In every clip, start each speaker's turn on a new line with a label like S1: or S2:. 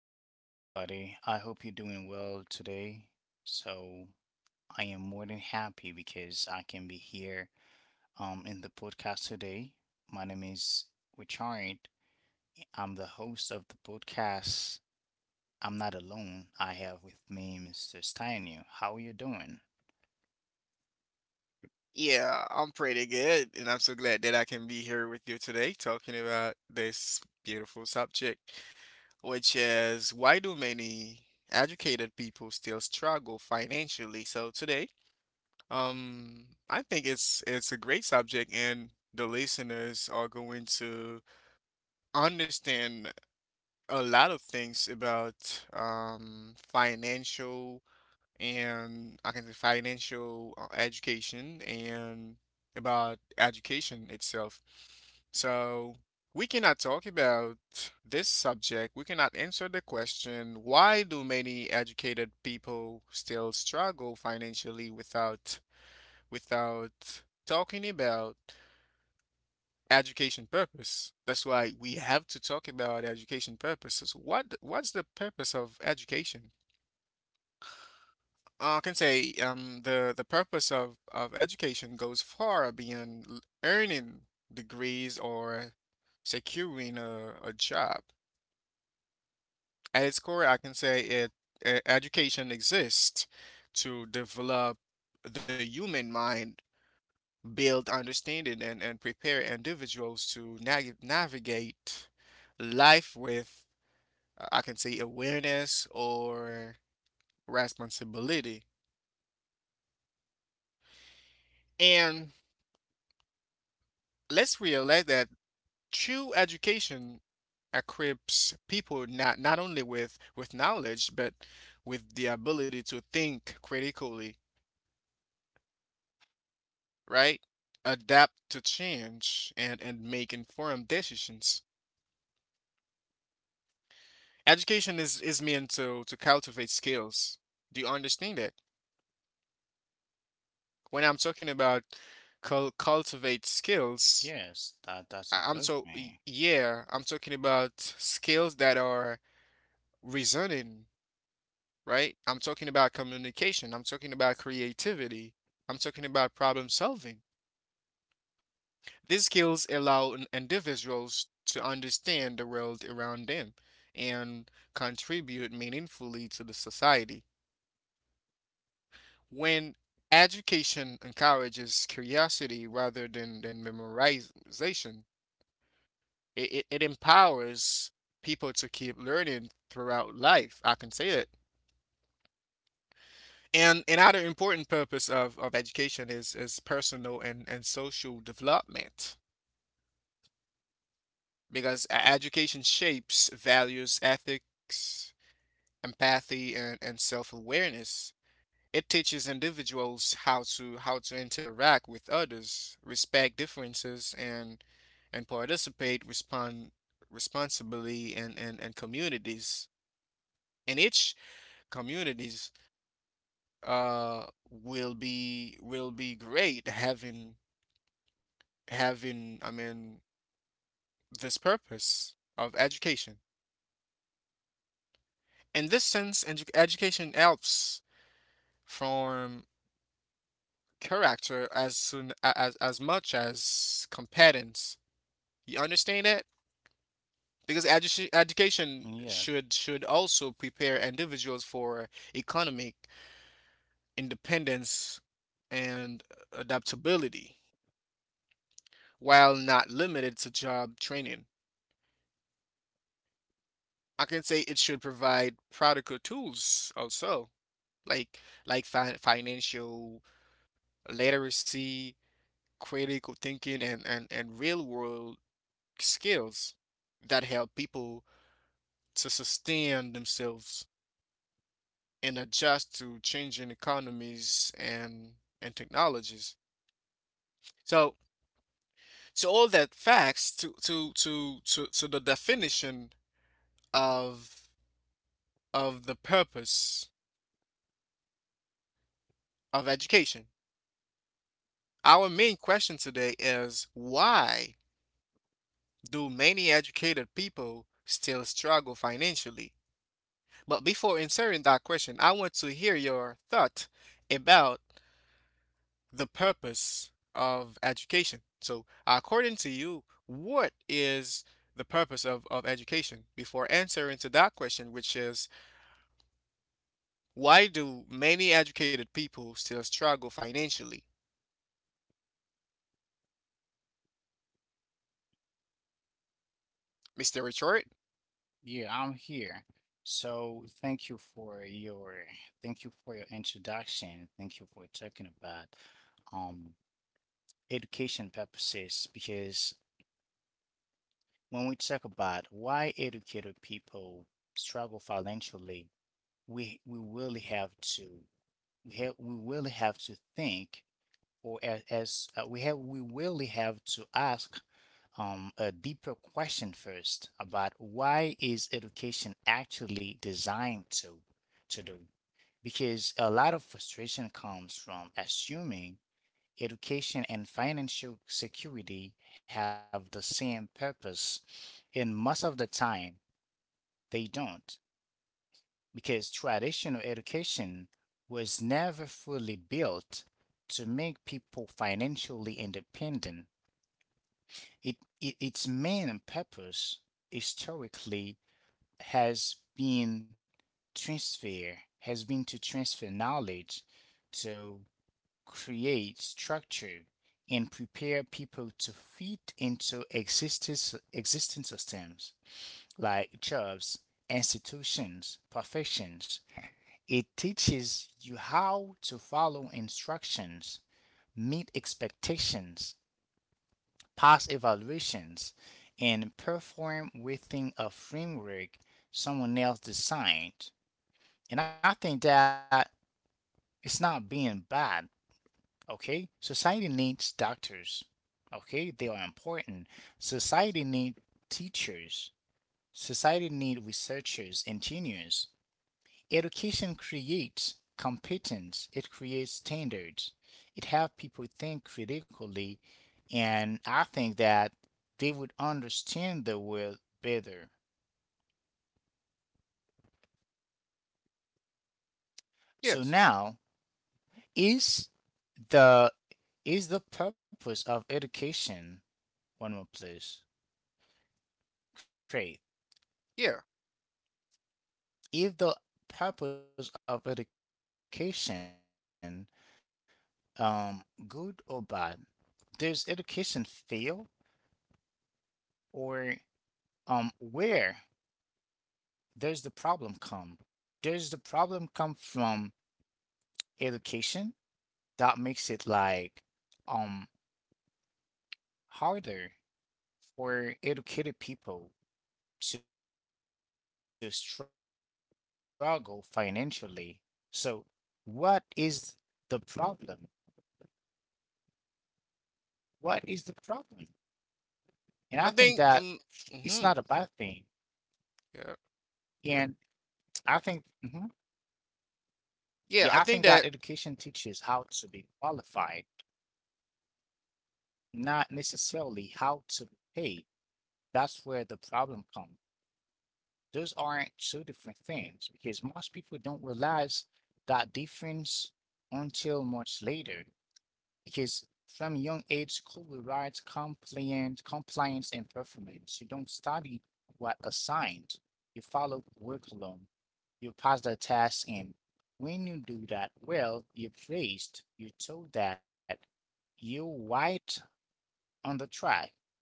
S1: Welcome, everybody. I hope you're doing well today. So, I am more than happy because I can be here in the podcast today. My name is Richard. I'm the host of the podcast. I'm not alone. I have with me Mr. Steinu. How are you doing?
S2: Yeah, I'm pretty good, and I'm so glad that I can be here with you today talking about this beautiful subject, which is, why do many educated people still struggle financially? So today, I think it's a great subject, and the listeners are going to understand a lot of things about financial, and I can say financial education and about education itself. So we cannot talk about this subject. We cannot answer the question, why do many educated people still struggle financially, without talking about education purpose? That's why we have to talk about education purposes. What's the purpose of education? I can say, the purpose of education goes far beyond earning degrees or securing a job. At its core, I can say it, education exists to develop the human mind, build understanding, and prepare individuals to nag navigate life with, I can say, awareness or responsibility. And let's realize that true education equips people not, not only with knowledge, but with the ability to think critically, right, adapt to change, and make informed decisions. Education is meant to cultivate skills. Do you understand that when I'm talking about
S1: Yes, that, that's a good
S2: cultivate
S1: thing.
S2: skills? I- I'm so y- yeah I'm talking about skills that are reasoning, right? I'm talking about communication. I'm talking about creativity. I'm talking about problem solving. These skills allow individuals to understand the world around them and contribute meaningfully to the society. When education encourages curiosity rather than memorization, it empowers people to keep learning throughout life. I can say that. And another important purpose of education is personal and social development, because education shapes values, ethics, empathy, and self awareness. It teaches individuals how to interact with others, respect differences, and participate respond responsibly in communities. And each communities uh will be great having having, I mean, this purpose of education. In this sense, education helps form character as soon as much as competence. You understand that? Because
S1: Yes,
S2: education should also prepare individuals for economic independence and adaptability, while not limited to job training. I can say it should provide practical tools also, like like fi financial literacy, critical thinking, and real world skills that help people to sustain themselves and adjust to changing economies and technologies. So so all that facts to to the definition of of the purpose of education. Our main question today is, why do many educated people still struggle financially? But before answering that question, I want to hear your thought about the purpose of education. So, according to you, what is the purpose of education? Before answering to that question, which is, why do many educated people still struggle financially? Mr. Richard?
S1: yeah, I'm here. So thank you for your introduction. Thank you for talking about um education purposes because when we talk about why educated people struggle financially, we we really have to we really have to think or as we really have to ask a deeper question first about why is education actually designed to do, because a lot of frustration comes from assuming education and financial security have the same purpose, and most of the time they don't, because traditional education was never fully built to make people financially independent. Its main purpose historically has been has been to transfer knowledge, to create structure, and prepare people to fit into existing systems like jobs, institutions, professions. It teaches you how to follow instructions, meet expectations, pass evaluations, and perform within a framework someone else designed. And I think that it's not being bad. Okay, society needs doctors. Okay, they are important. Society need teachers. Society need researchers, engineers. Education creates competence. It creates standards. It have people think critically, and I think that they would understand the world better. So
S2: Yes.
S1: now, is the is the purpose of education one more place? Great.
S2: Yeah.
S1: If the purpose of education, um good or bad, does education fail, or where does the problem come does the problem come from education that makes it like um harder for educated people to struggle financially? So what is the problem what is the problem? And
S2: I
S1: I think
S2: think
S1: that it's
S2: hmm
S1: not a bad thing.
S2: yeah.
S1: And I think,
S2: Yeah, I
S1: yeah, I
S2: think
S1: think
S2: that.
S1: that education teaches how to be qualified, not necessarily how to be paid. That's where the problem comes. Those aren't two different things because most people don't realize that difference until much later. Because from a young age, school rewards compliance, and performance. You don't study what assigned. You follow curriculum, you pass the test, and when you do that well, you're praised. You're told that you're right on the track.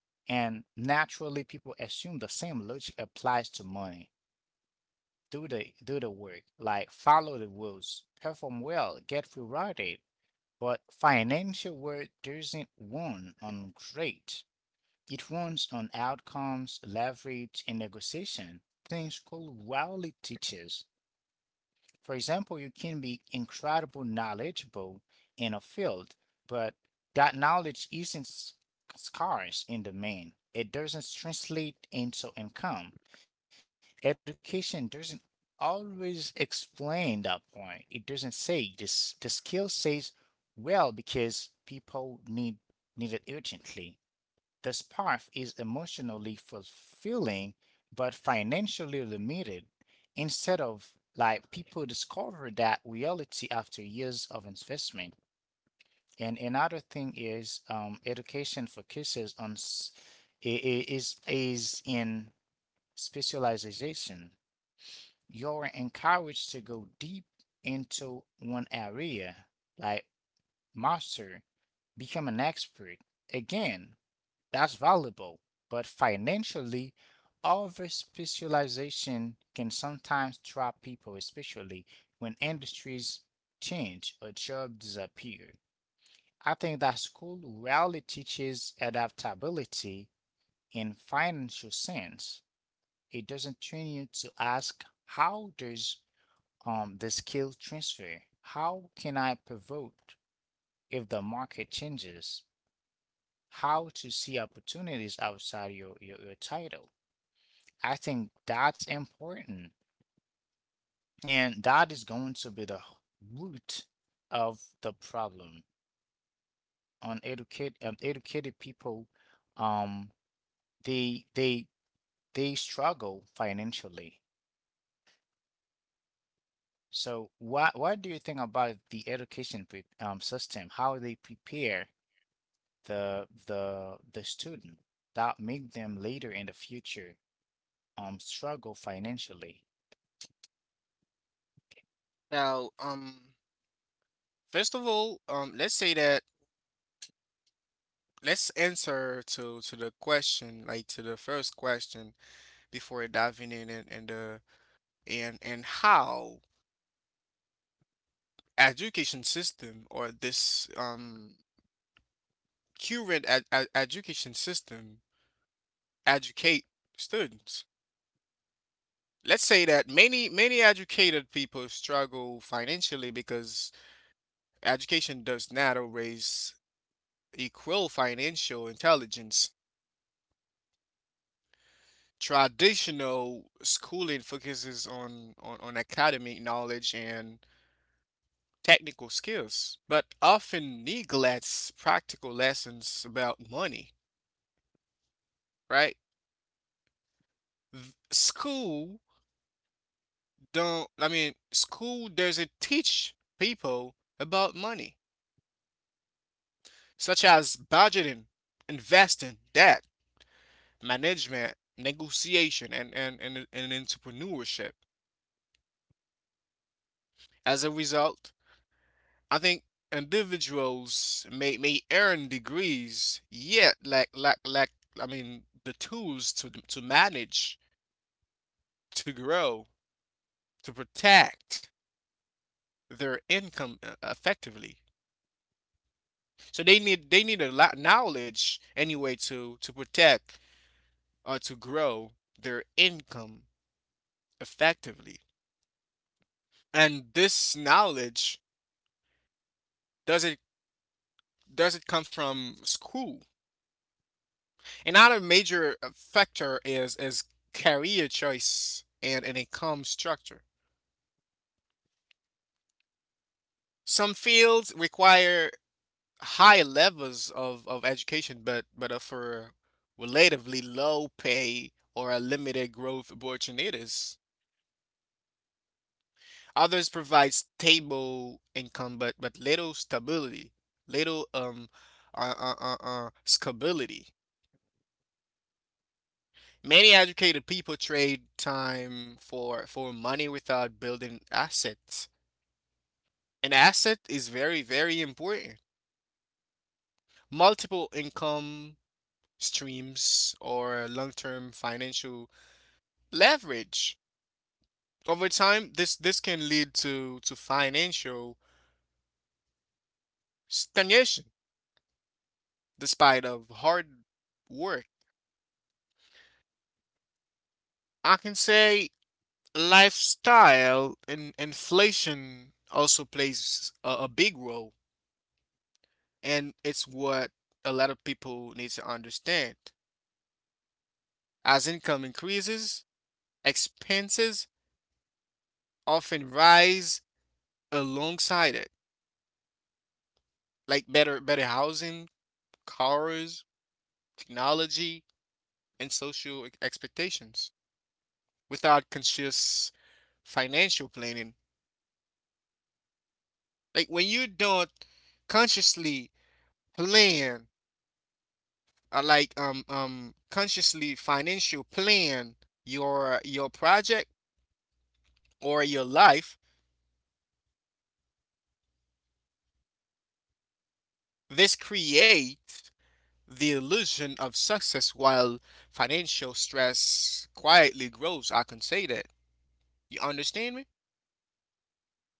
S1: And naturally, people assume the same logic applies to money. Do the work, like follow the rules, perform well, get rewarded. But financial work doesn't run on grade. It runs on outcomes, leverage, and negotiation. Things school rarely teaches. For example, you can be incredibly knowledgeable in a field, but that knowledge isn't scarce in the main. It doesn't translate into income. Education doesn't always explain that point. It doesn't say this. The skill says, well, because people need it urgently. This path is emotionally fulfilling but financially limited. Instead, of like, people discover that reality after years of investment. And another thing is, education focuses on s- I- is in specialization. You're encouraged to go deep into one area, like master, become an expert. Again, that's valuable, but financially, over specialization can sometimes trap people, especially when industries change or jobs disappear. I think that school rarely teaches adaptability in financial sense. It doesn't train you to ask, how does the skill transfer? How can I pivot if the market changes? How to see opportunities outside your title? I think that's important. And that is going to be the root of the problem. Uneducated, educate Educated people, um, they they they struggle financially. So what do you think about the education pre system? How they prepare the student that make them later in the future struggle financially?
S2: Now, first of all, let's say that, let's answer to the question, like to the first question, before diving in and how education system, or this current education system, educate students. Let's say that many educated people struggle financially because education does not always equal financial intelligence. Traditional schooling focuses on academic knowledge and technical skills, but often neglects practical lessons about money, right? School don't, I mean, school doesn't teach people about money, such as budgeting, investing, debt management, negotiation, and entrepreneurship. As a result, I think individuals may earn degrees, yet lack, lack, lack, I mean, the tools to manage, to grow, to protect their income effectively. So they need, they need a lot of knowledge anyway to protect or to grow their income effectively. And this knowledge, does it come from school? Another major factor is career choice and an income structure. Some fields require high levels of education, but are for relatively low pay or a limited growth opportunities. Others provide stable income, but little stability, little uh, uh, uh, stability. Many educated people trade time for money without building assets. An asset is very, very important. Multiple income streams or long-term financial leverage. Over time, this can lead to financial stagnation despite of hard work. I can say lifestyle and inflation also plays a big role, and it's what a lot of people need to understand. As income increases, expenses often rise alongside it, like better housing, cars, technology, and social expectations. Without conscious financial planning, like when you don't consciously plan, like consciously financial plan your project or your life, this creates the illusion of success while financial stress quietly grows. I can say that. You understand me?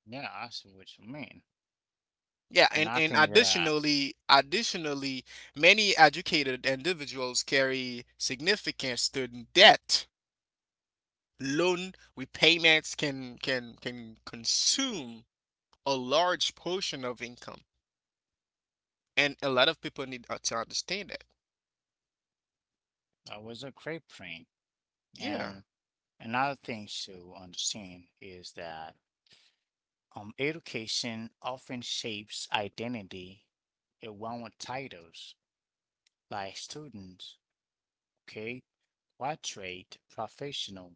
S1: Yeah, I see what you mean.
S2: Yeah,
S1: And I
S2: and
S1: think that
S2: additionally, additionally, many educated individuals carry significant student debt. Loan repayments can consume a large portion of income, and a lot of people need to understand that.
S1: that was a great point.
S2: Yeah,
S1: And another thing to understand is that, education often shapes identity around with titles like student, okay, what trade, professional.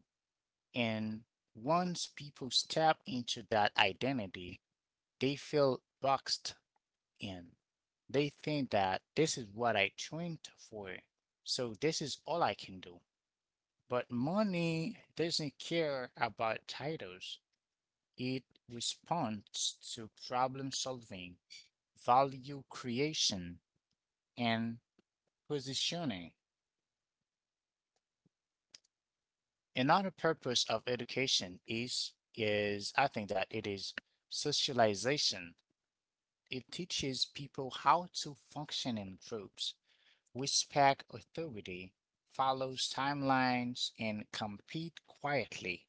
S1: And once people step into that identity, they feel boxed in. They think that this is what I trained for, so this is all I can do. But money doesn't care about titles. It responds to problem solving, value creation, and positioning. Another purpose of education is, I think that it is, socialization. It teaches people how to function in groups, respect authority, follows timelines, and compete quietly.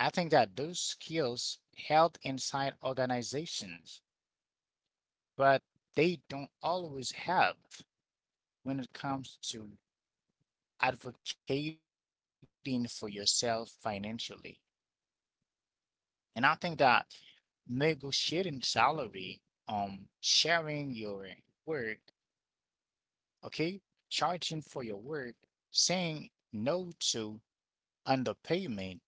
S1: I think that those skills held inside organizations, but they don't always have. When it comes to advocating for yourself financially. And I think that negotiating salary, sharing your work, okay, charging for your work, saying no to underpayment,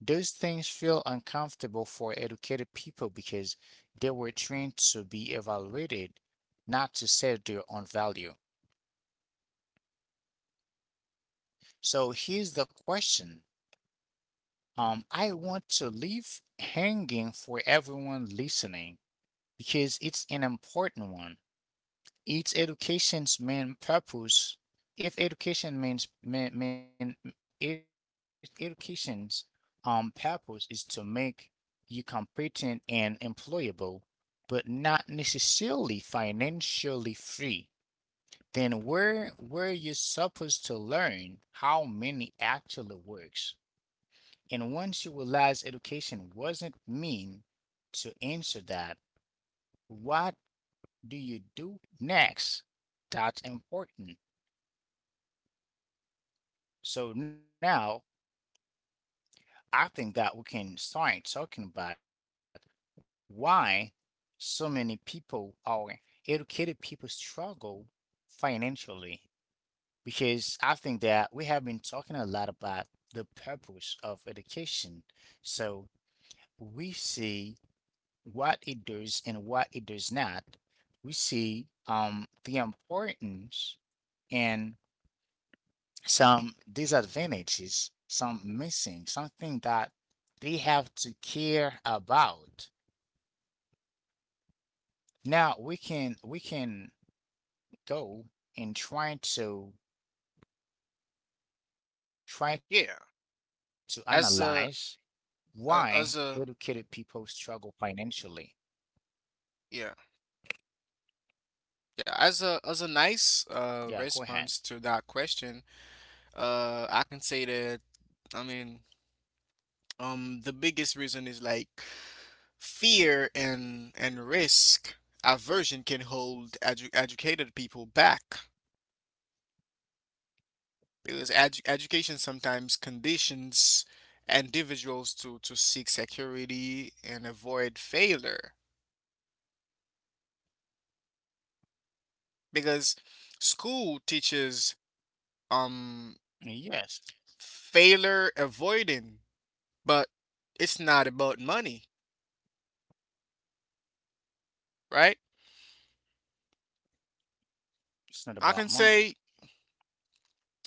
S1: those things feel uncomfortable for educated people because they were trained to be evaluated, not to set their own value. So here's the question. I want to leave hanging for everyone listening because it's an important one. It's education's main purpose. If education means mean ed- education's purpose is to make you competent and employable, but not necessarily financially free, then where you supposed to learn how money actually works? And once you realize education wasn't mean to answer that, what do you do next? That's important. So now, I think that we can start talking about why so many people, or educated people, struggle financially. Because I think that we have been talking a lot about the purpose of education. So we see what it does and what it does not. We see, the importance, and some disadvantages, some missing, something that they have to care about. Now we can go and
S2: yeah.
S1: try to
S2: As a
S1: analyze
S2: as
S1: why
S2: a
S1: educated people struggle financially.
S2: yeah Yeah, as a nice
S1: Yeah,
S2: response
S1: go
S2: to
S1: ahead.
S2: that question, I can say that, I mean, the biggest reason is like fear and risk aversion can hold educated people back, because education sometimes conditions individuals to seek security and avoid failure, because school teaches um
S1: Yes,
S2: failure avoiding, but it's not about money, right?
S1: it's not
S2: I can
S1: about
S2: say
S1: money.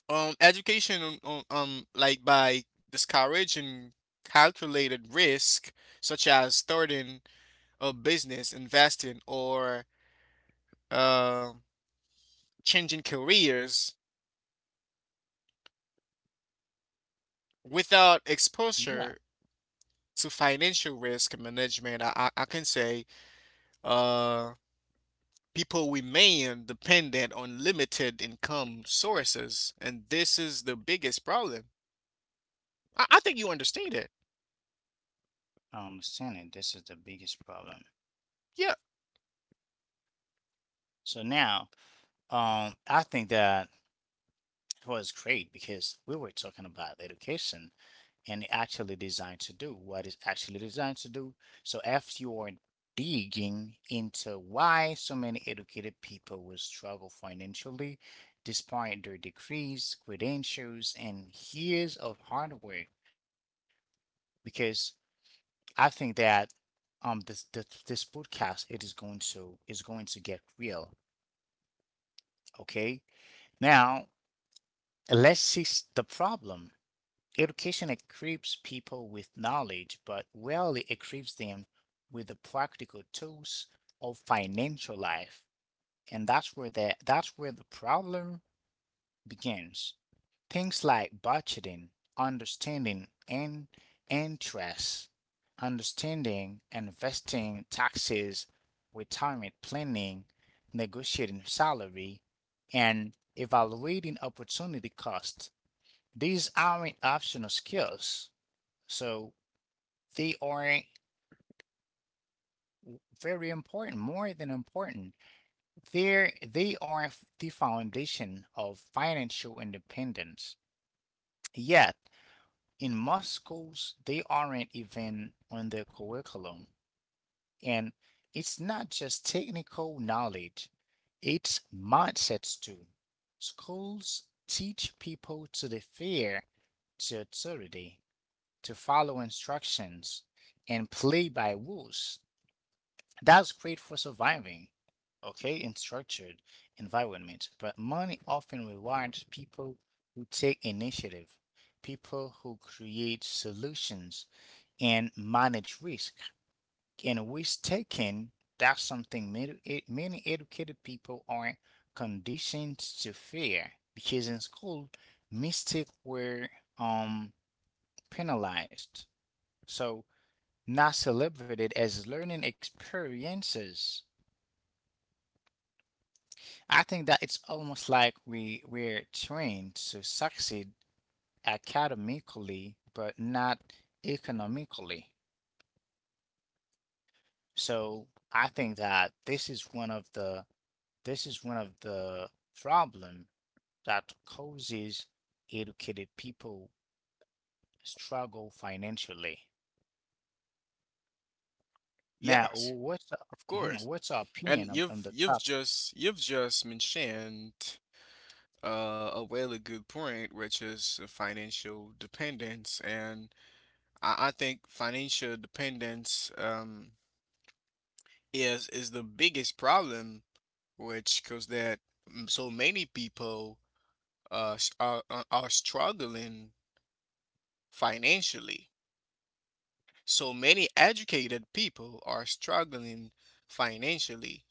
S2: education on like by discouraging calculated risk, such as starting a business, investing, or uh, changing careers without exposure
S1: Yeah,
S2: to financial risk management. I can say uh people remain dependent on limited income sources, and this is the biggest problem. I think you understand it.
S1: I understand it. This is the biggest problem.
S2: Yeah,
S1: So now, I think that it was great because we were talking about education and it actually designed to do what it's actually designed to do. So after you are digging into why so many educated people will struggle financially despite their degrees, credentials, and years of hardware, because I think that, this podcast, it is going to get real. Okay. Now, let's see the problem. Education equips people with knowledge, but rarely equips them with the practical tools of financial life. And that's where the problem begins. Things like budgeting, understanding and interest, understanding, investing, taxes, retirement planning, negotiating salary, and evaluating opportunity cost, these aren't optional skills, so they are very important, more than important. They are the foundation of financial independence. Yet, in most schools, they aren't even on the curriculum. And it's not just technical knowledge, it's mindsets too. Schools teach people to the fear, to authority, to follow instructions and play by rules. That's great for surviving, okay, in structured environment. But money often rewards people who take initiative, people who create solutions and manage risk. And risk taking, that's something many educated people are conditioned to fear because in school, mistakes were, um, penalized. So, not celebrated as learning experiences. I think that it's almost like we're trained to succeed academically but not economically. So I think that this is one of the this is one of the problem that causes educated people struggle financially. Now,
S2: yes, of course.
S1: what's your opinion
S2: And
S1: on, the topic?
S2: you've just mentioned a really good point, which is financial dependence. And I think financial dependence is the biggest problem, which cause that, so many people are struggling financially. So many educated people are struggling financially,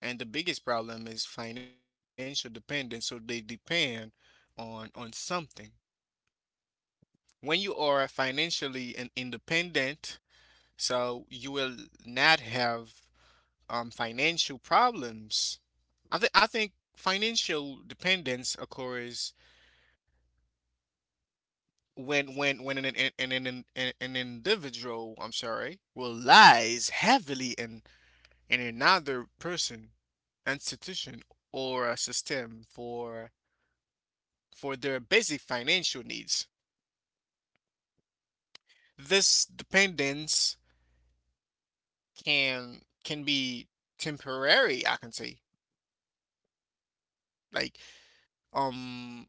S2: and the biggest problem is financial dependence. So they depend on something. When you are financially independent, so you will not have financial problems. I think, I think financial dependence occurs when an individual, I'm sorry, relies heavily in another person, institution, or a system for their basic financial needs. This dependence can be temporary, I can say. Like um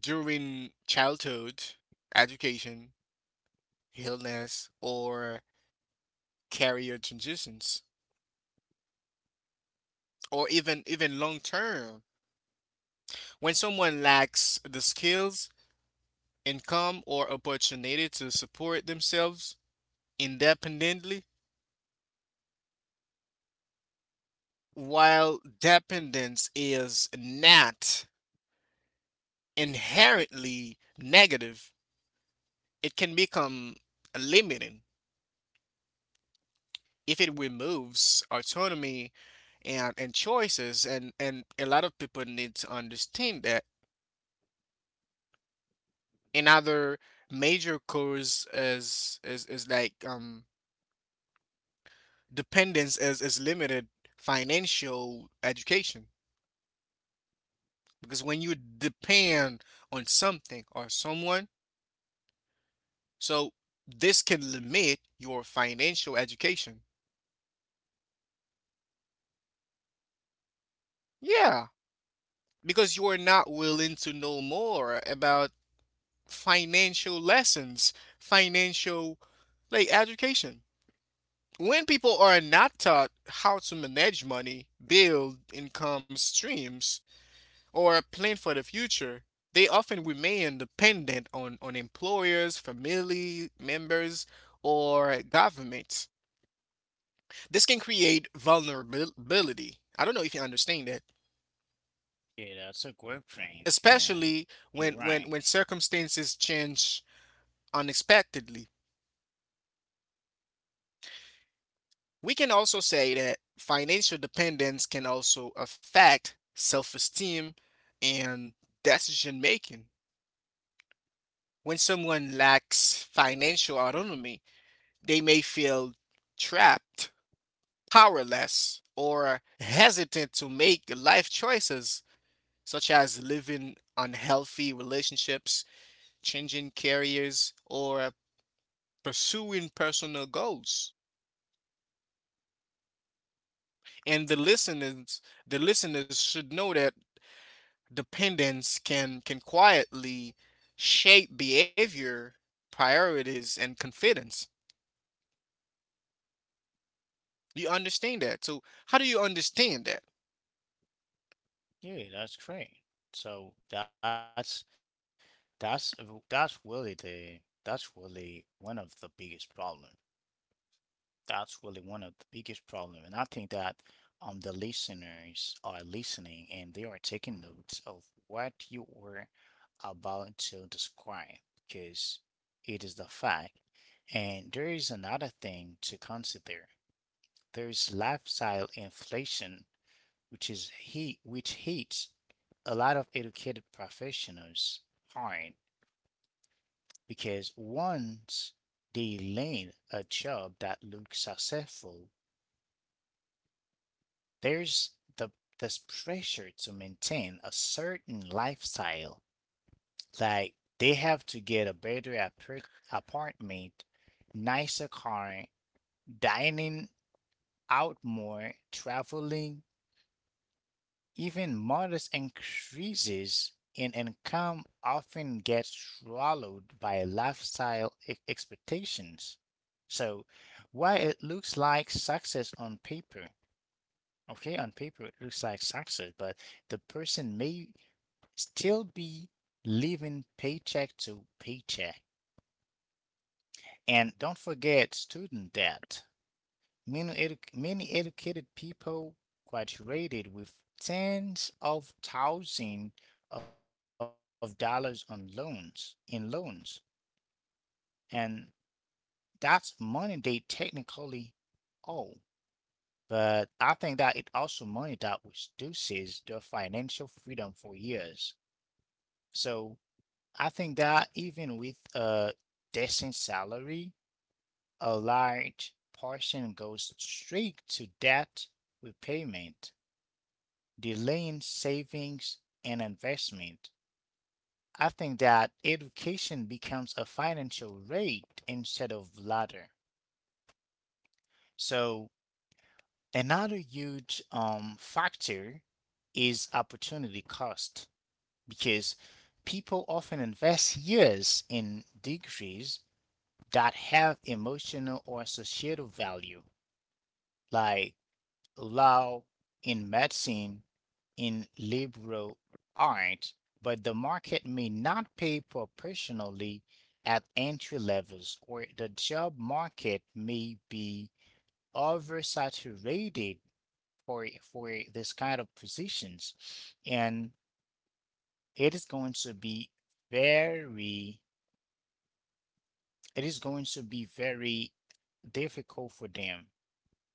S2: during childhood, education, illness, or career transitions, or even even long term. When someone lacks the skills, income, or opportunity to support themselves independently, while dependence is not inherently negative, it can become limiting if it removes autonomy and choices. And a lot of people need to understand that. Another major cause is like dependence is limited financial education. Because when you depend on something or someone, so this can limit your financial education. Yeah. Because you are not willing to know more about financial lessons, financial like education. When people are not taught how to manage money, build income streams, or plan for the future, they often remain dependent on employers, family members, or governments. This can create vulnerability. I don't know if you understand that,
S1: Yeah, that's a great point, and
S2: especially when
S1: you're right.
S2: circumstances change unexpectedly. We can also say that financial dependence can also affect self esteem and decision making. When someone lacks financial autonomy, they may feel trapped, powerless, or hesitant to make life choices, such as living unhealthy relationships, changing careers, or pursuing personal goals. And the listeners, the listeners should know that dependence can quietly shape behavior, priorities, and confidence. Do you understand that? So how do you understand that?
S1: Yeah, that's great. So that's that's really the that's really one of the biggest problem. That's really one of the biggest problem, and I think that, the listeners are listening and they are taking notes of what you were about to describe because it is the fact. And there is another thing to consider. There is lifestyle inflation, which hits a lot of educated professionals hard because once they land a job that looks successful, there's the this pressure to maintain a certain lifestyle. Like they have to get a better apartment, nicer car, dining out more, traveling. Even modest increases in income often get swallowed by lifestyle expectations. So, while it looks like success on paper, okay, on paper it looks like success, but the person may still be living paycheck to paycheck. And don't forget student debt. Many educated people graduated with tens of thousands of dollars on loans in loans, and that's money they technically owe. But I think that it also money that reduces their financial freedom for years. So I think that even with a decent salary, a large portion goes straight to debt repayment, delaying savings and investment. I think that education becomes a financial rate instead of ladder. So another huge factor is opportunity cost because people often invest years in degrees that have emotional or societal value, like law in medicine in liberal art, but the market may not pay proportionally at entry levels, or the job market may be oversaturated for this kind of positions, and it is going to be very it is going to be very difficult for them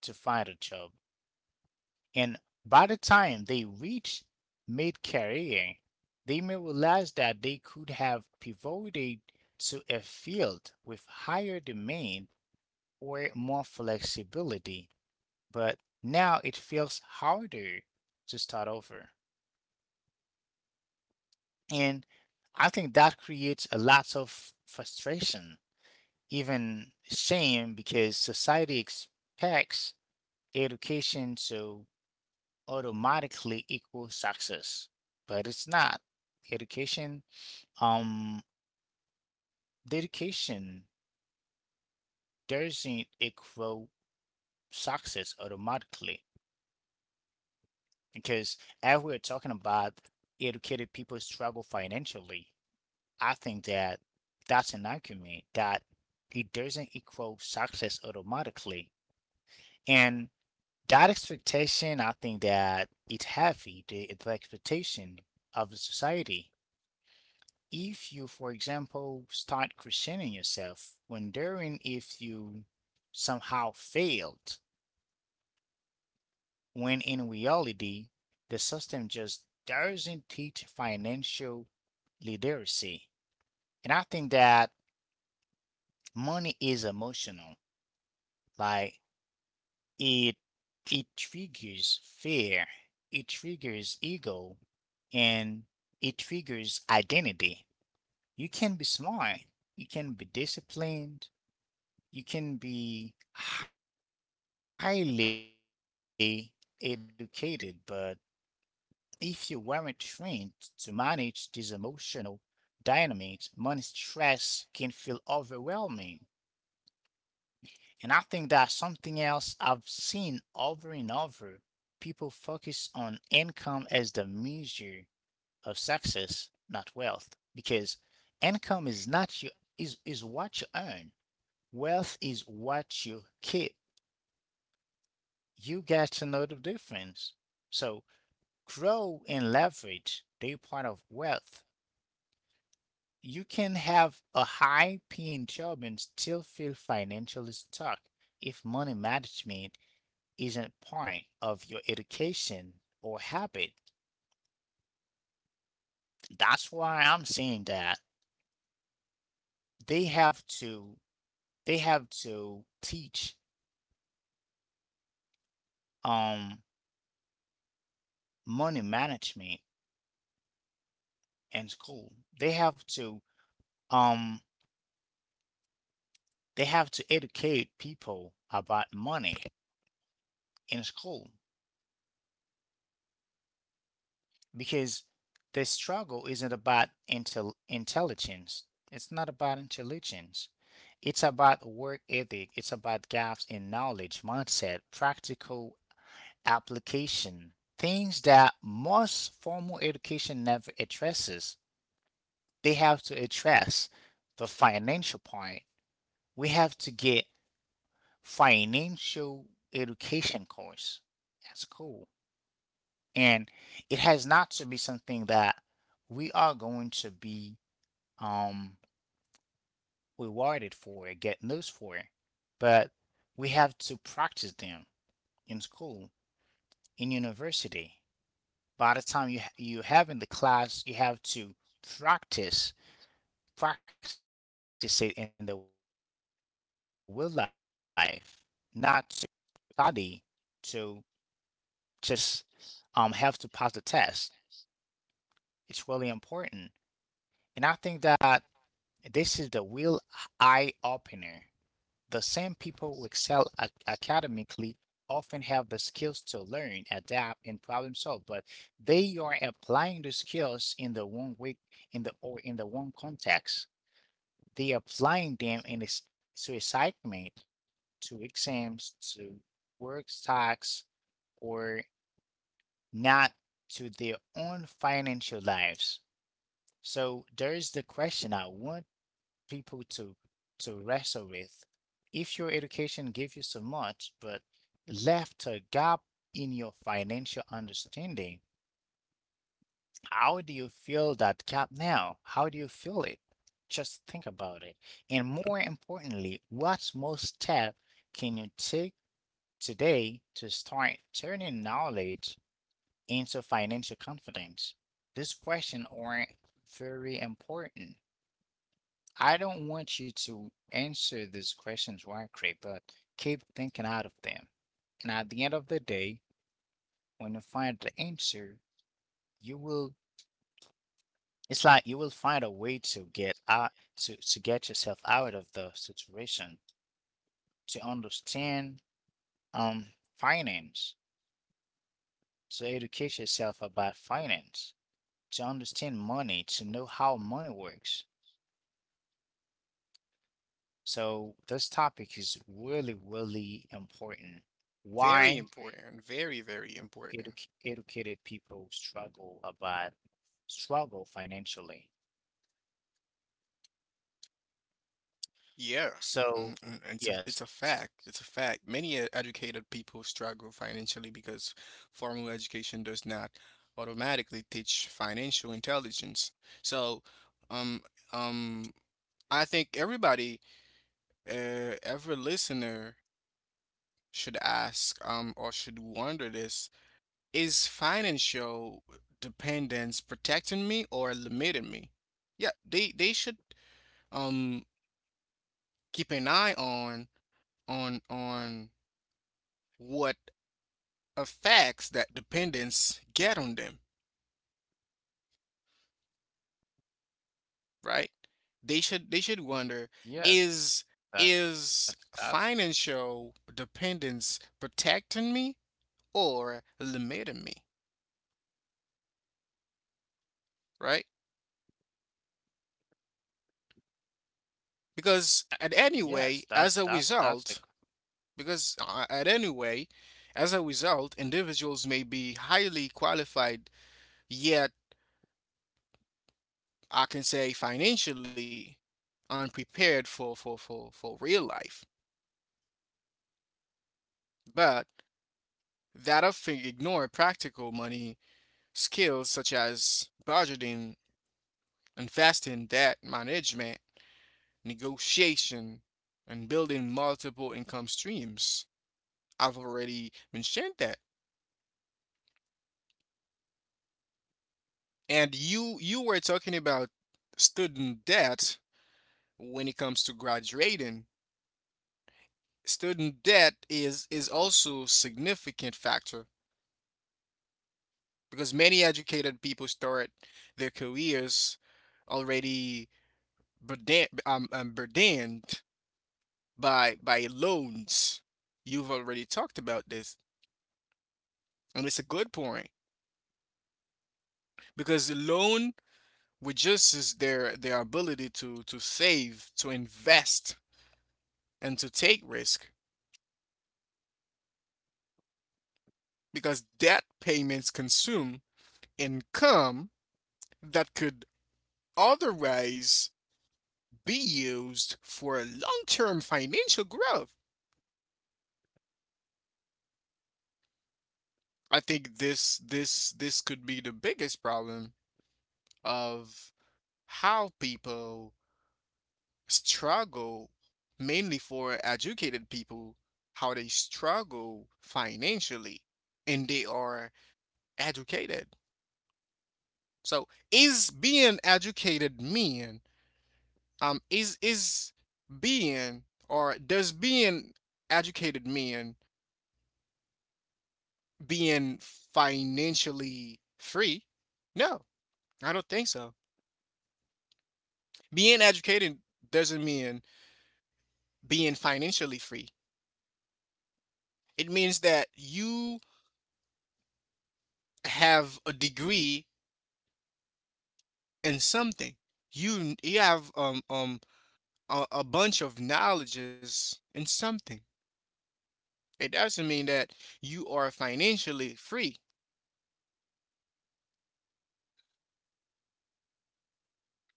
S1: to find a job. And by the time they reach mid career, they may realize that they could have pivoted to a field with higher demand or more flexibility, but now it feels harder to start over. And I think that creates a lot of frustration, even shame, because society expects education to automatically equals success, but it's not. Education, um, dedication doesn't equal success automatically because as we're talking about educated people struggle financially, I think that that's an argument that it doesn't equal success automatically. And that expectation, I think that it's heavy, the expectation of the society if you, for example, start questioning yourself, wondering if you somehow failed, when in reality, the system just doesn't teach financial literacy. And I think that money is emotional. Like it it triggers fear, it triggers ego, and it triggers identity. You can be smart, you can be disciplined, you can be highly educated, but if you weren't trained to manage these emotional dynamics, money stress can feel overwhelming. And I think that's something else I've seen over and over. People focus on income as the measure of success, not wealth, because income is not your is what you earn. Wealth is what you keep. You get to know the difference. So grow and leverage, they part of wealth. You can have a high paying job and still feel financially stuck if money management isn't part of your education or habit. That's why I'm saying that they have to they have to teach um money management in school. They have to um they have to educate people about money in school because the struggle isn't about intelligence. It's not about intelligence. It's about work ethic. It's about gaps in knowledge, mindset, practical application, things that most formal education never addresses. They have to address the financial part. We have to get financial education course. That's cool. And it has not to be something that we are going to be um rewarded for get notes for, but we have to practice them in school in university by the time you have in the class you have to practice practice it in the real life, not to study to just have to pass the test. It's really important. And I think that this is the real eye opener. The same people who excel academically often have the skills to learn, adapt, and problem solve, but they are applying the skills in the wrong way, in the wrong context. They applying them in a, to assignment, to exams, to work tasks, or not to their own financial lives. So there is the question I want people to wrestle with. If your education gave you so much but left a gap in your financial understanding, how do you fill that gap now? How do you fill it? Just think about it. And more importantly, what small step can you take today to start turning knowledge into financial confidence? This question are very important. I don't want you to answer these questions right, away, but keep thinking out of them. And at the end of the day, when you find the answer, you will, it's like you will find a way to get out to, get yourself out of the situation, to understand um finance, to educate yourself about finance, to understand money, to know how money works. So this topic is really, really important.
S2: Very
S1: Why
S2: important. Very, very important.
S1: edu- educated people struggle financially.
S2: Yeah.
S1: So,
S2: It's a, it's
S1: yes.
S2: a fact. It's a fact. Many educated people struggle financially because formal education does not automatically teach financial intelligence. So, um, um, I think everybody, every listener should ask or should wonder this: is financial dependence protecting me or limiting me? Yeah, they should um keep an eye on what effects that dependence get on them, right? They should, they should wonder,
S1: Yeah,
S2: is
S1: that's
S2: is financial dependence protecting me or limiting me, right? Because
S1: yes,
S2: at anyway,
S1: that's
S2: as
S1: a
S2: a result, because at any way, as a result, individuals may be highly qualified, yet I can say financially unprepared for real life. But that often ignore practical money skills, such as budgeting, investing, debt management, negotiation, and building multiple income streams. I've already mentioned that. And you were talking about student debt. When it comes to graduating, student debt is also a significant factor, because many educated people start their careers already burden, burdened by loans. You've already talked about this, and it's a good point because the loan reduces their ability to save, to invest, and to take risk because debt payments consume income that could otherwise be used for long-term financial growth. I think this could be the biggest problem of how people struggle, mainly for educated people, how they struggle financially and they are educated. So is being educated mean is being, or does being educated mean being financially free? No, I don't think so. Being educated doesn't mean being financially free. It means that you have a degree in something. You have a bunch of knowledges in something. It doesn't mean that you are financially free.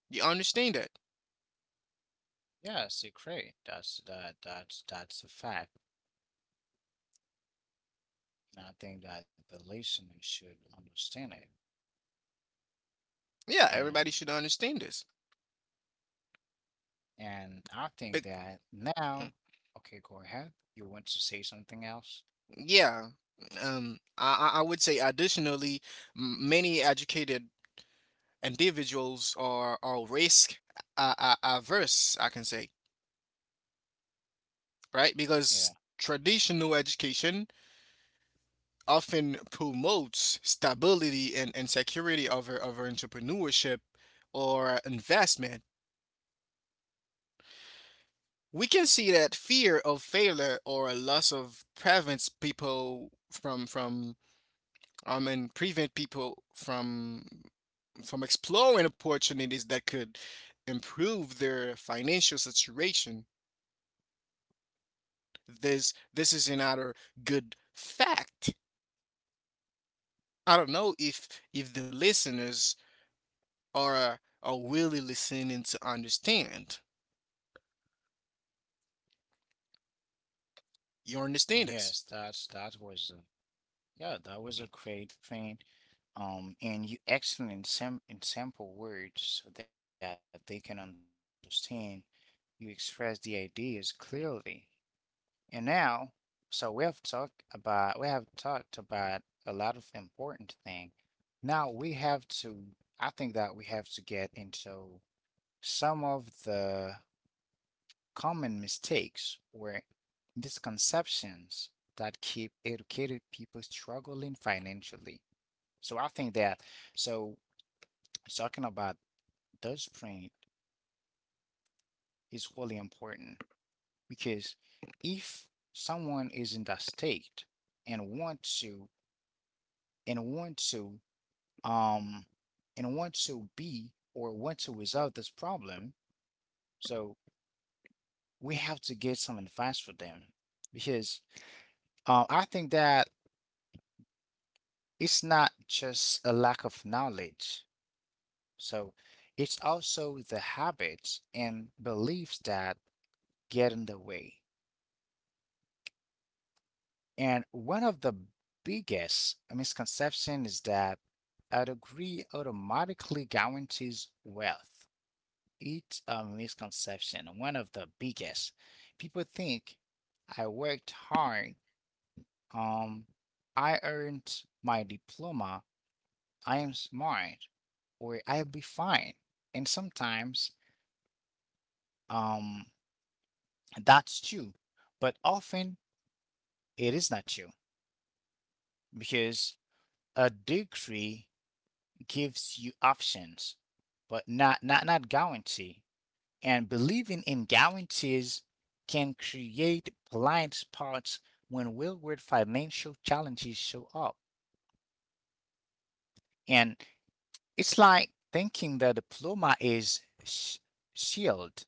S2: You understand that?
S1: yes, a great. That's that that's a fact. And I think that the listener should understand it.
S2: Yeah, everybody should
S1: And
S2: understand this. But
S1: and I think that
S2: mm,
S1: now, okay, go ahead. You want to say something else?
S2: yeah, I would say additionally, many educated individuals are risk averse, I can say, right? Because
S1: Yeah.
S2: traditional education often promotes stability and, security over entrepreneurship or investment. We can see that fear of failure or a loss of prevents people from I mean prevent people from exploring opportunities that could improve their financial situation. This is another good fact. I don't know if the listeners are really listening to understand. You understand this?
S1: Yes, that's that was a, yeah, that was a great thing. And you excellent in sample words so that they can understand. You express the ideas clearly. And now, so we have talked about a lot of important things. Now we have to, I think that we have to get into some of the common mistakes or misconceptions that keep educated people struggling financially. So I think that so talking about those points is really important, because if someone is in that state and want to um and want to be or want to resolve this problem, so we have to get some advice for them because I think that it's not just a lack of knowledge, so it's also the habits and beliefs that get in the way. And one of the biggest misconception is that a degree automatically guarantees wealth. It's a misconception, one of the biggest. People think I worked hard, um, I earned my diploma, I am smart, or I'll be fine. And sometimes um, that's true, but often it is not true because a degree gives you options, but not guarantee. And believing in guarantees can create blind spots when real-world financial challenges show up. And it's like thinking the diploma is shield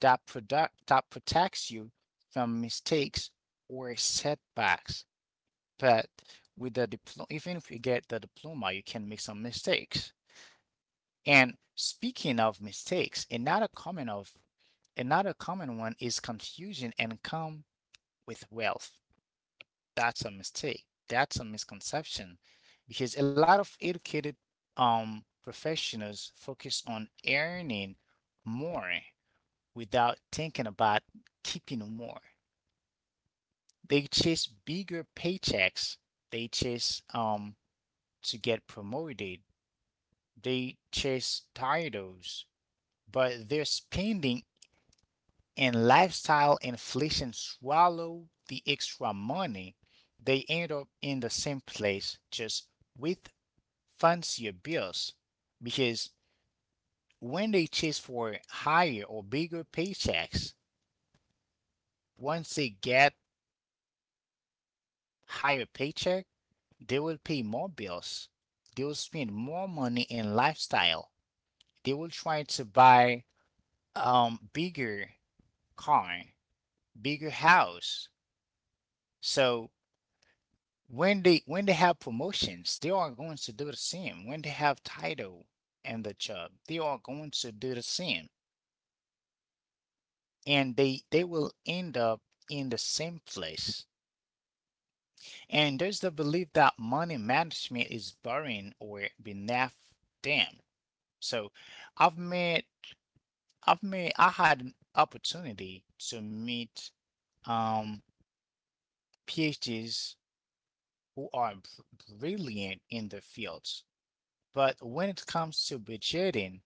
S1: that product that protects you from mistakes or setbacks. But with the diploma, even if you get the diploma, you can make some mistakes. And speaking of mistakes, another common one is confusion and com with wealth. That's a mistake. That's a misconception because a lot of educated professionals focus on earning more without thinking about keeping more. They chase bigger paychecks. They chase to get promoted. They chase titles, but they're spending and lifestyle inflation swallow the extra money, they end up in the same place just with fancier bills. Because when they chase for higher or bigger paychecks, once they get higher paycheck, they will pay more bills. They will spend more money in lifestyle. They will try to buy bigger car, bigger house. So when they have promotions, they are going to do the same. When they have title and the job, they are going to do the same, and they will end up in the same place. And there's the belief that money management is boring or beneath them. So, I've met I had an opportunity to meet um, PhDs who are brilliant in the fields. But when it comes to budgeting,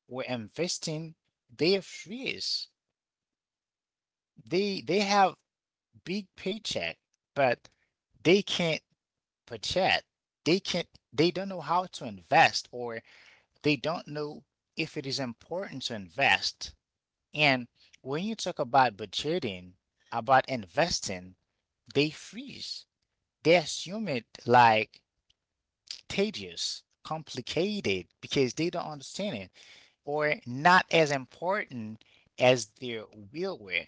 S1: were investing their fears. They have big paycheck, but they can't budget. They can't they don't know how to invest or they don't know if it is important to invest. And when you talk about budgeting, about investing, they freeze. They assume it like tedious, complicated because they don't understand it or not as important as their will were.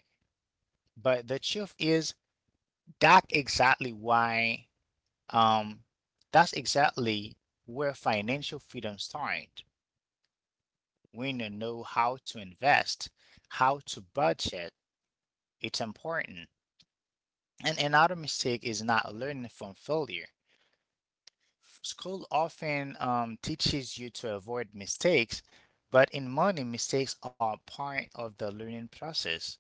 S1: But the truth is that exactly why um that's exactly where financial freedom starts. When you know how to invest, how to budget, it's important. And another mistake is not learning from failure. School often teaches you to avoid mistakes, but in money, mistakes are part of the learning process.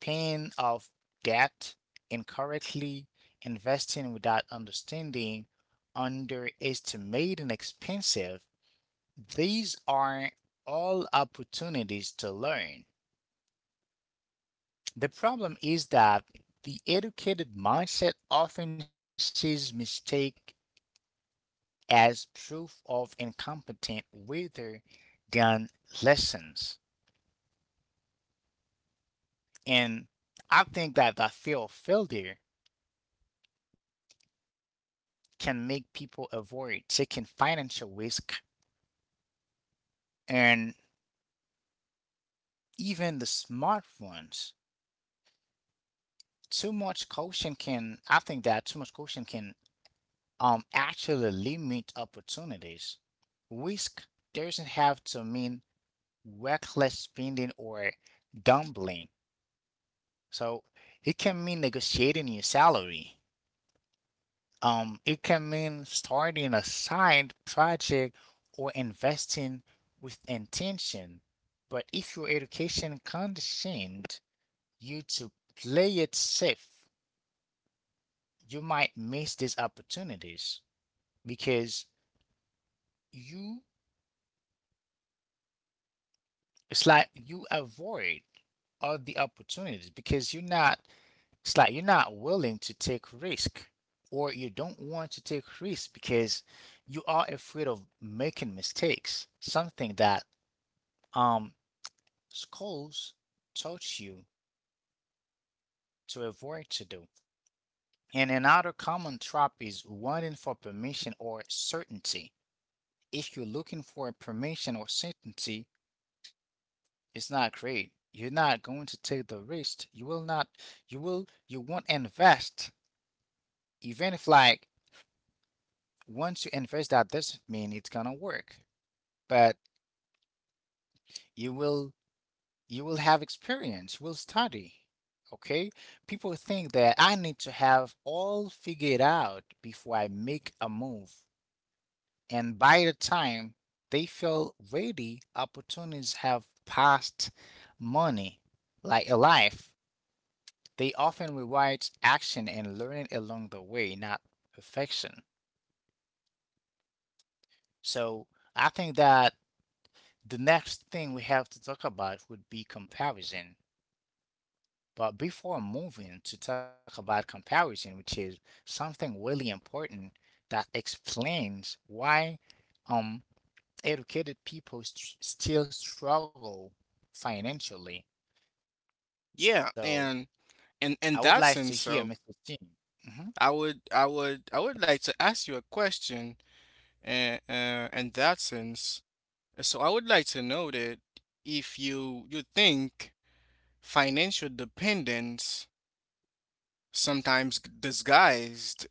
S1: Pain of debt, incorrectly investing without understanding, underestimating expensive. These are all opportunities to learn. The problem is that the educated mindset often sees mistake as proof of incompetence rather than lessons. And I think that the fear of failure can make people avoid taking financial risk and even the smart ones. Too much caution can, I think that too much caution can actually limit opportunities. Risk doesn't have to mean reckless spending or gambling. So it can mean negotiating your salary. It can mean starting a side project or investing with intention. But if your education conditioned you to play it safe, you might miss these opportunities because you it's like you avoid all the opportunities because you're not willing to take risk, or you don't want to take risk because you are afraid of making mistakes, something that um, schools taught you to avoid to do. And another common trap is wanting for permission or certainty. If you're looking for permission or certainty, it's not great. You're not going to take the risk. You will not, you will, you won't invest. Even if, like, once you invest, that doesn't mean it's gonna work, but you will you will have experience, you will study. Okay? People think that I need to have all figured out before I make a move. And by the time they feel ready, opportunities have passed money, like a life. They often reward action and learning along the way, not perfection. So I think that the next thing we have to talk about would be comparison. But before moving to talk about comparison, which is something really important that explains why um, educated people still struggle financially. So
S2: Yeah,
S1: I would
S2: and
S1: like to hear Mr.
S2: in that
S1: Tim.
S2: sense, so
S1: hmm
S2: I would like to ask you a question. In that sense, so I would like to know that if you think financial dependence sometimes disguised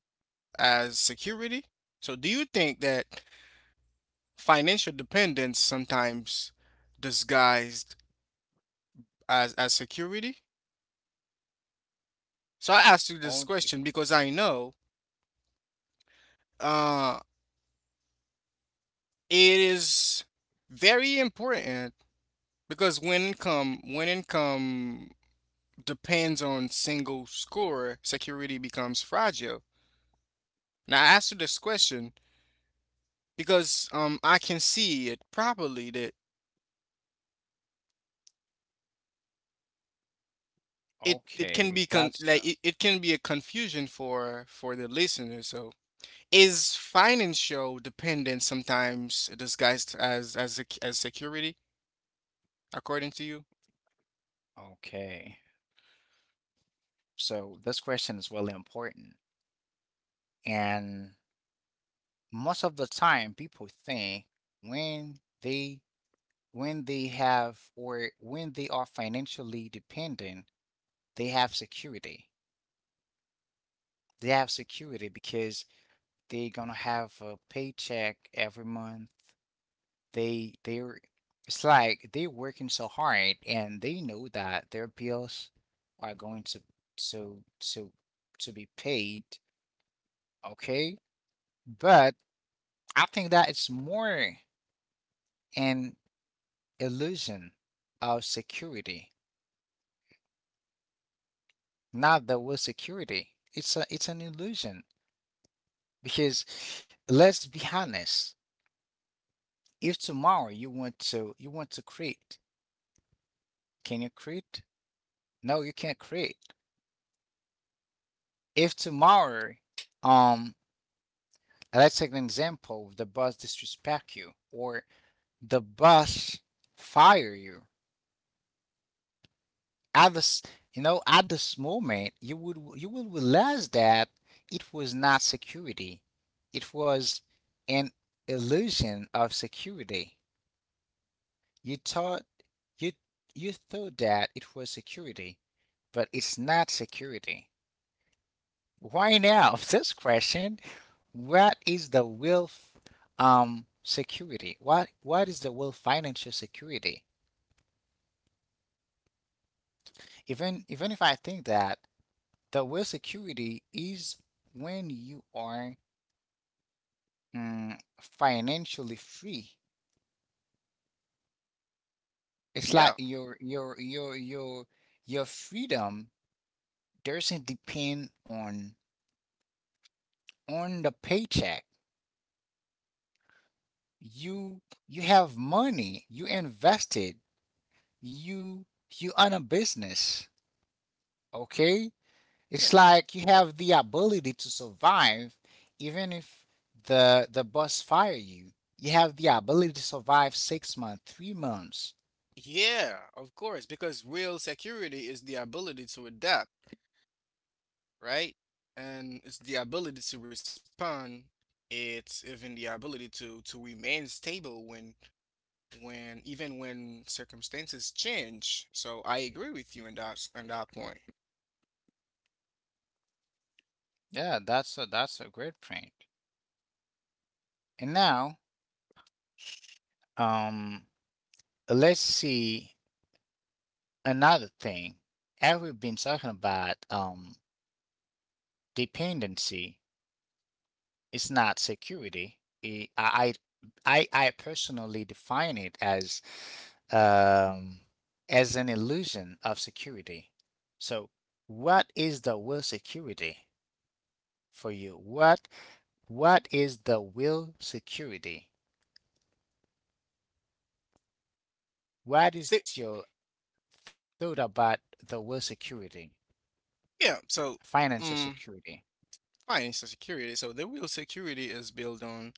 S2: as security. So, do you think that financial dependence sometimes disguised as security? So, I asked you this
S1: Okay,
S2: question because I know uh, it is very important because when income depends on single score, security becomes fragile. Now, I asked you this question because I can see it properly that it can
S1: okay,
S2: be
S1: that's uh,
S2: like it can be a confusion for the listener. So is financial dependence sometimes disguised as as security according to you?
S1: okay. So this question is really important. And most of the time, people think when they when they have, or when they are financially dependent, they have security. They have security because they're gonna have a paycheck every month. They're it's like they're working so hard, and they know that their bills are going to to to to be paid, okay? But I think that it's more an illusion of security, not that was security. It's an illusion because let's be honest. If tomorrow you want to create, can you create? No, you can't create. If tomorrow, um, let's take an example: the boss disrespect you, or the boss fire you. At this, you know, at this moment, you will realize that it was not security. It was an illusion of security. You thought you you thought that it was security, but it's not security. Why now? This question. What is the real security? What is the real financial security? Even if I think that the real security is when you are financially free. It's like
S2: Yeah.
S1: your your freedom doesn't depend on the paycheck. You you have money. You invested. You you own a business. Okay? It's
S2: Yeah.
S1: like you have the ability to survive even if the boss fire you. You have the ability to survive 6 months, 3 months.
S2: Yeah, of course, because real security is the ability to adapt, right? And it's the ability to respond. It's even the ability to remain stable when even when circumstances change. So I agree with you in that on that point.
S1: Yeah, that's a great point. And now, um, let's see another thing. As we've been talking about dependency, it's not security. I personally define it um, as an illusion of security. So, what is the will security for you? What is the will security? What is
S2: The-
S1: your thought about the will security,
S2: yeah. So
S1: financial
S2: um,
S1: security?
S2: financial security. So the real security is built on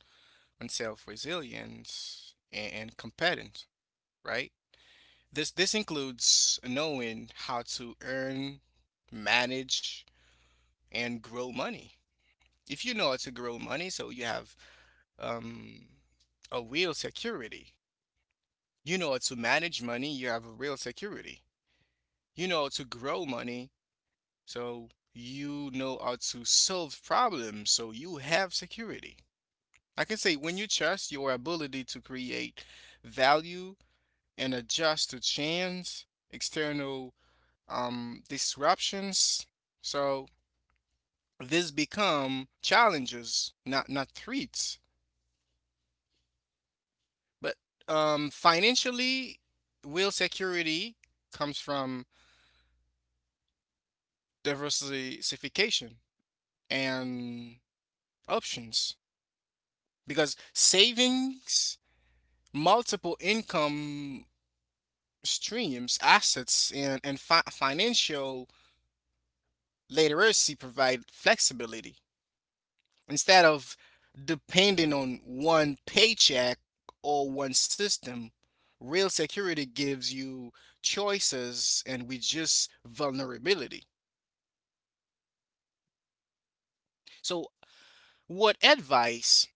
S2: self resilience and, competence, right? This includes knowing how to earn, manage, and grow money. If you know how to grow money, so you have um, a real security. You know how to manage money, you have a real security. You know how to grow money, so you know how to solve problems, so you have security. I can say when you trust your ability to create value and adjust to change, external disruptions, so this become challenges, not threats. But financially, will security comes from diversification and options because savings, multiple income streams, assets, and, financial literacy provide flexibility. Instead of depending on one paycheck or one system, real security gives you choices and reduces vulnerability. So, what advice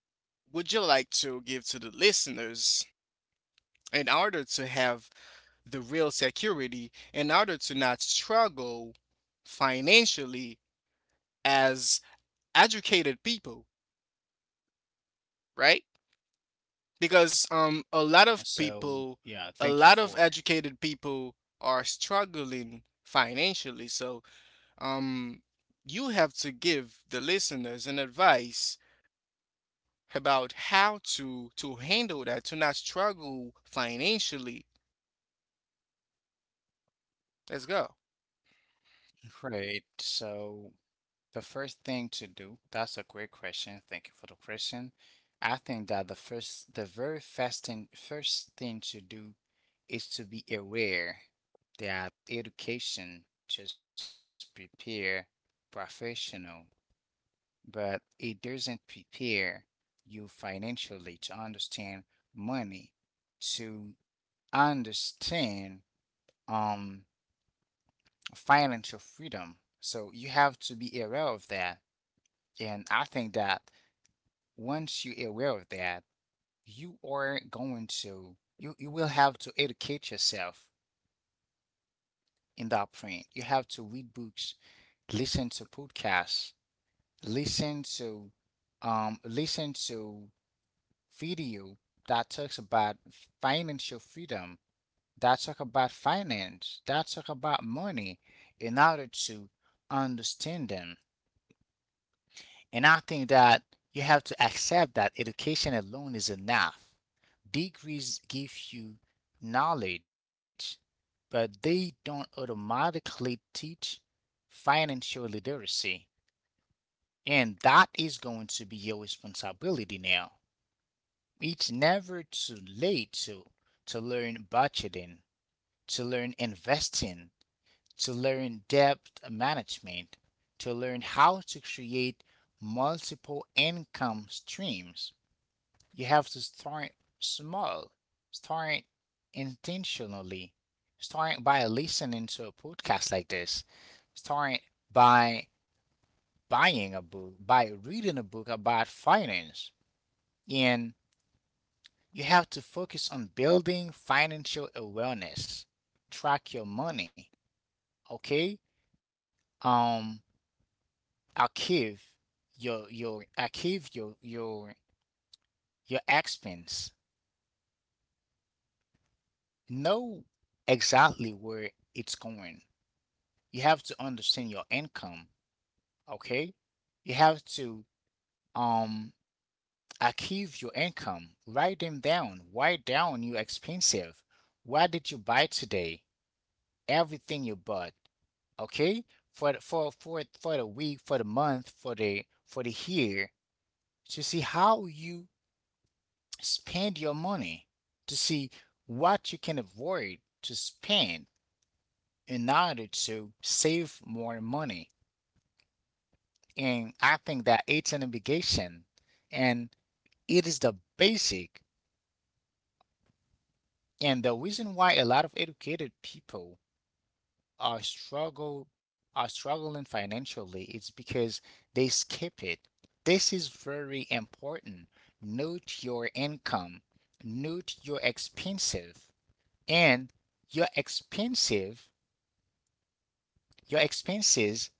S2: would you like to give to the listeners in order to have the real security, in order to not struggle financially as educated people, right? Because a lot
S1: So,
S2: of
S1: yeah, thank
S2: people,
S1: you for
S2: a
S1: it.
S2: lot of educated people are struggling financially. So um you have to give the listeners an advice about how to handle that to not struggle financially. Let's go.
S1: Great. So, the first thing to do, that's a great question. Thank you for the question. I think that the first, the very first thing to do is to be aware that education just prepare professional, but it doesn't prepare you financially to understand money, to understand um financial freedom. So you have to be aware of that. And I think that once you're aware of that, you are going to you you will have to educate yourself in that point. You have to read books, listen to podcasts, listen to um listen to video that talks about financial freedom, that talk about finance, that talk about money in order to understand them. And I think that you have to accept that education alone is enough. Degrees give you knowledge, but they don't automatically teach financial literacy. And that is going to be your responsibility now. It's never too late to learn budgeting, to learn investing, to learn debt management, to learn how to create multiple income streams. You have to start small, start intentionally, start by listening to a podcast like this, start by buying a book, by reading a book about finance. And you have to focus on building financial awareness, track your money, okay? Um, archive your your expense. Know exactly where it's going. You have to understand your income, okay? You have to um archive your income. Write them down. Write down your expenses. What did you buy today? Everything you bought, okay, for the week, for the month, for the year to see how you spend your money, to see what you can avoid to spend in order to save more money. And I think that it's an obligation, and it is the basic, and the reason why a lot of educated people are struggle are struggling financially is because they skip it. This is very important. Note your income, note your expenses, and your expensive your expenses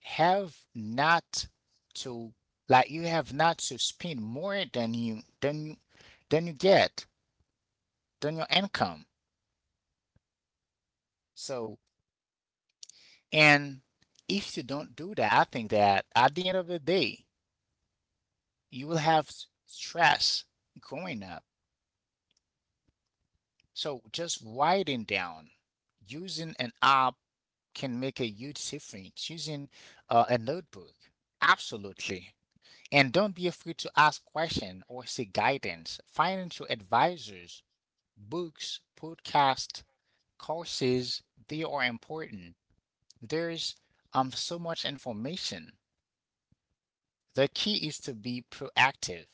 S1: have not to, like, you have not to spend more than you get, than your income. So, and if you don't do that, I think that at the end of the day you will have stress growing up. So just writing down, using an app, can make a huge difference, using a notebook, absolutely. And don't be afraid to ask questions or seek guidance. Financial advisors, books, podcasts, courses, they are important. There's so much information. The key is to be proactive.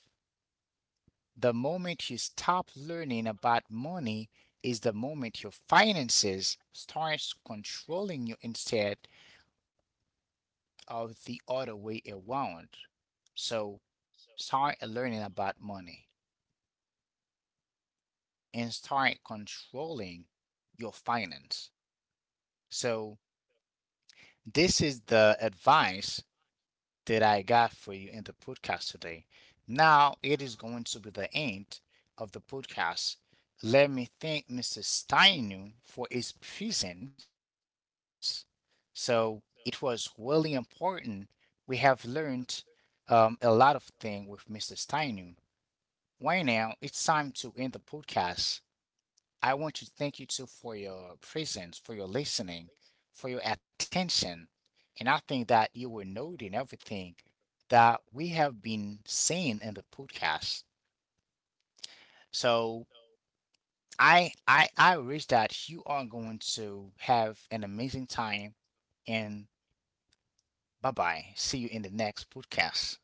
S1: The moment you stop learning about money is the moment your finances starts controlling you instead of the other way around. So
S2: So
S1: start learning about money, and start controlling your finance. So, this is the advice that I got for you in the podcast today. Now, it is going to be the end of the podcast. Let me thank Mr. Steinu for his presence. So, it was really important. We have learned a lot of things with Mr. Steinu. Right now, it's time to end the podcast. I want to thank you too for your presence, for your listening, for your attention. And I think that you were noting everything that we have been saying in the podcast. So I wish that you are going to have an amazing time, and bye bye. See you in the next podcast.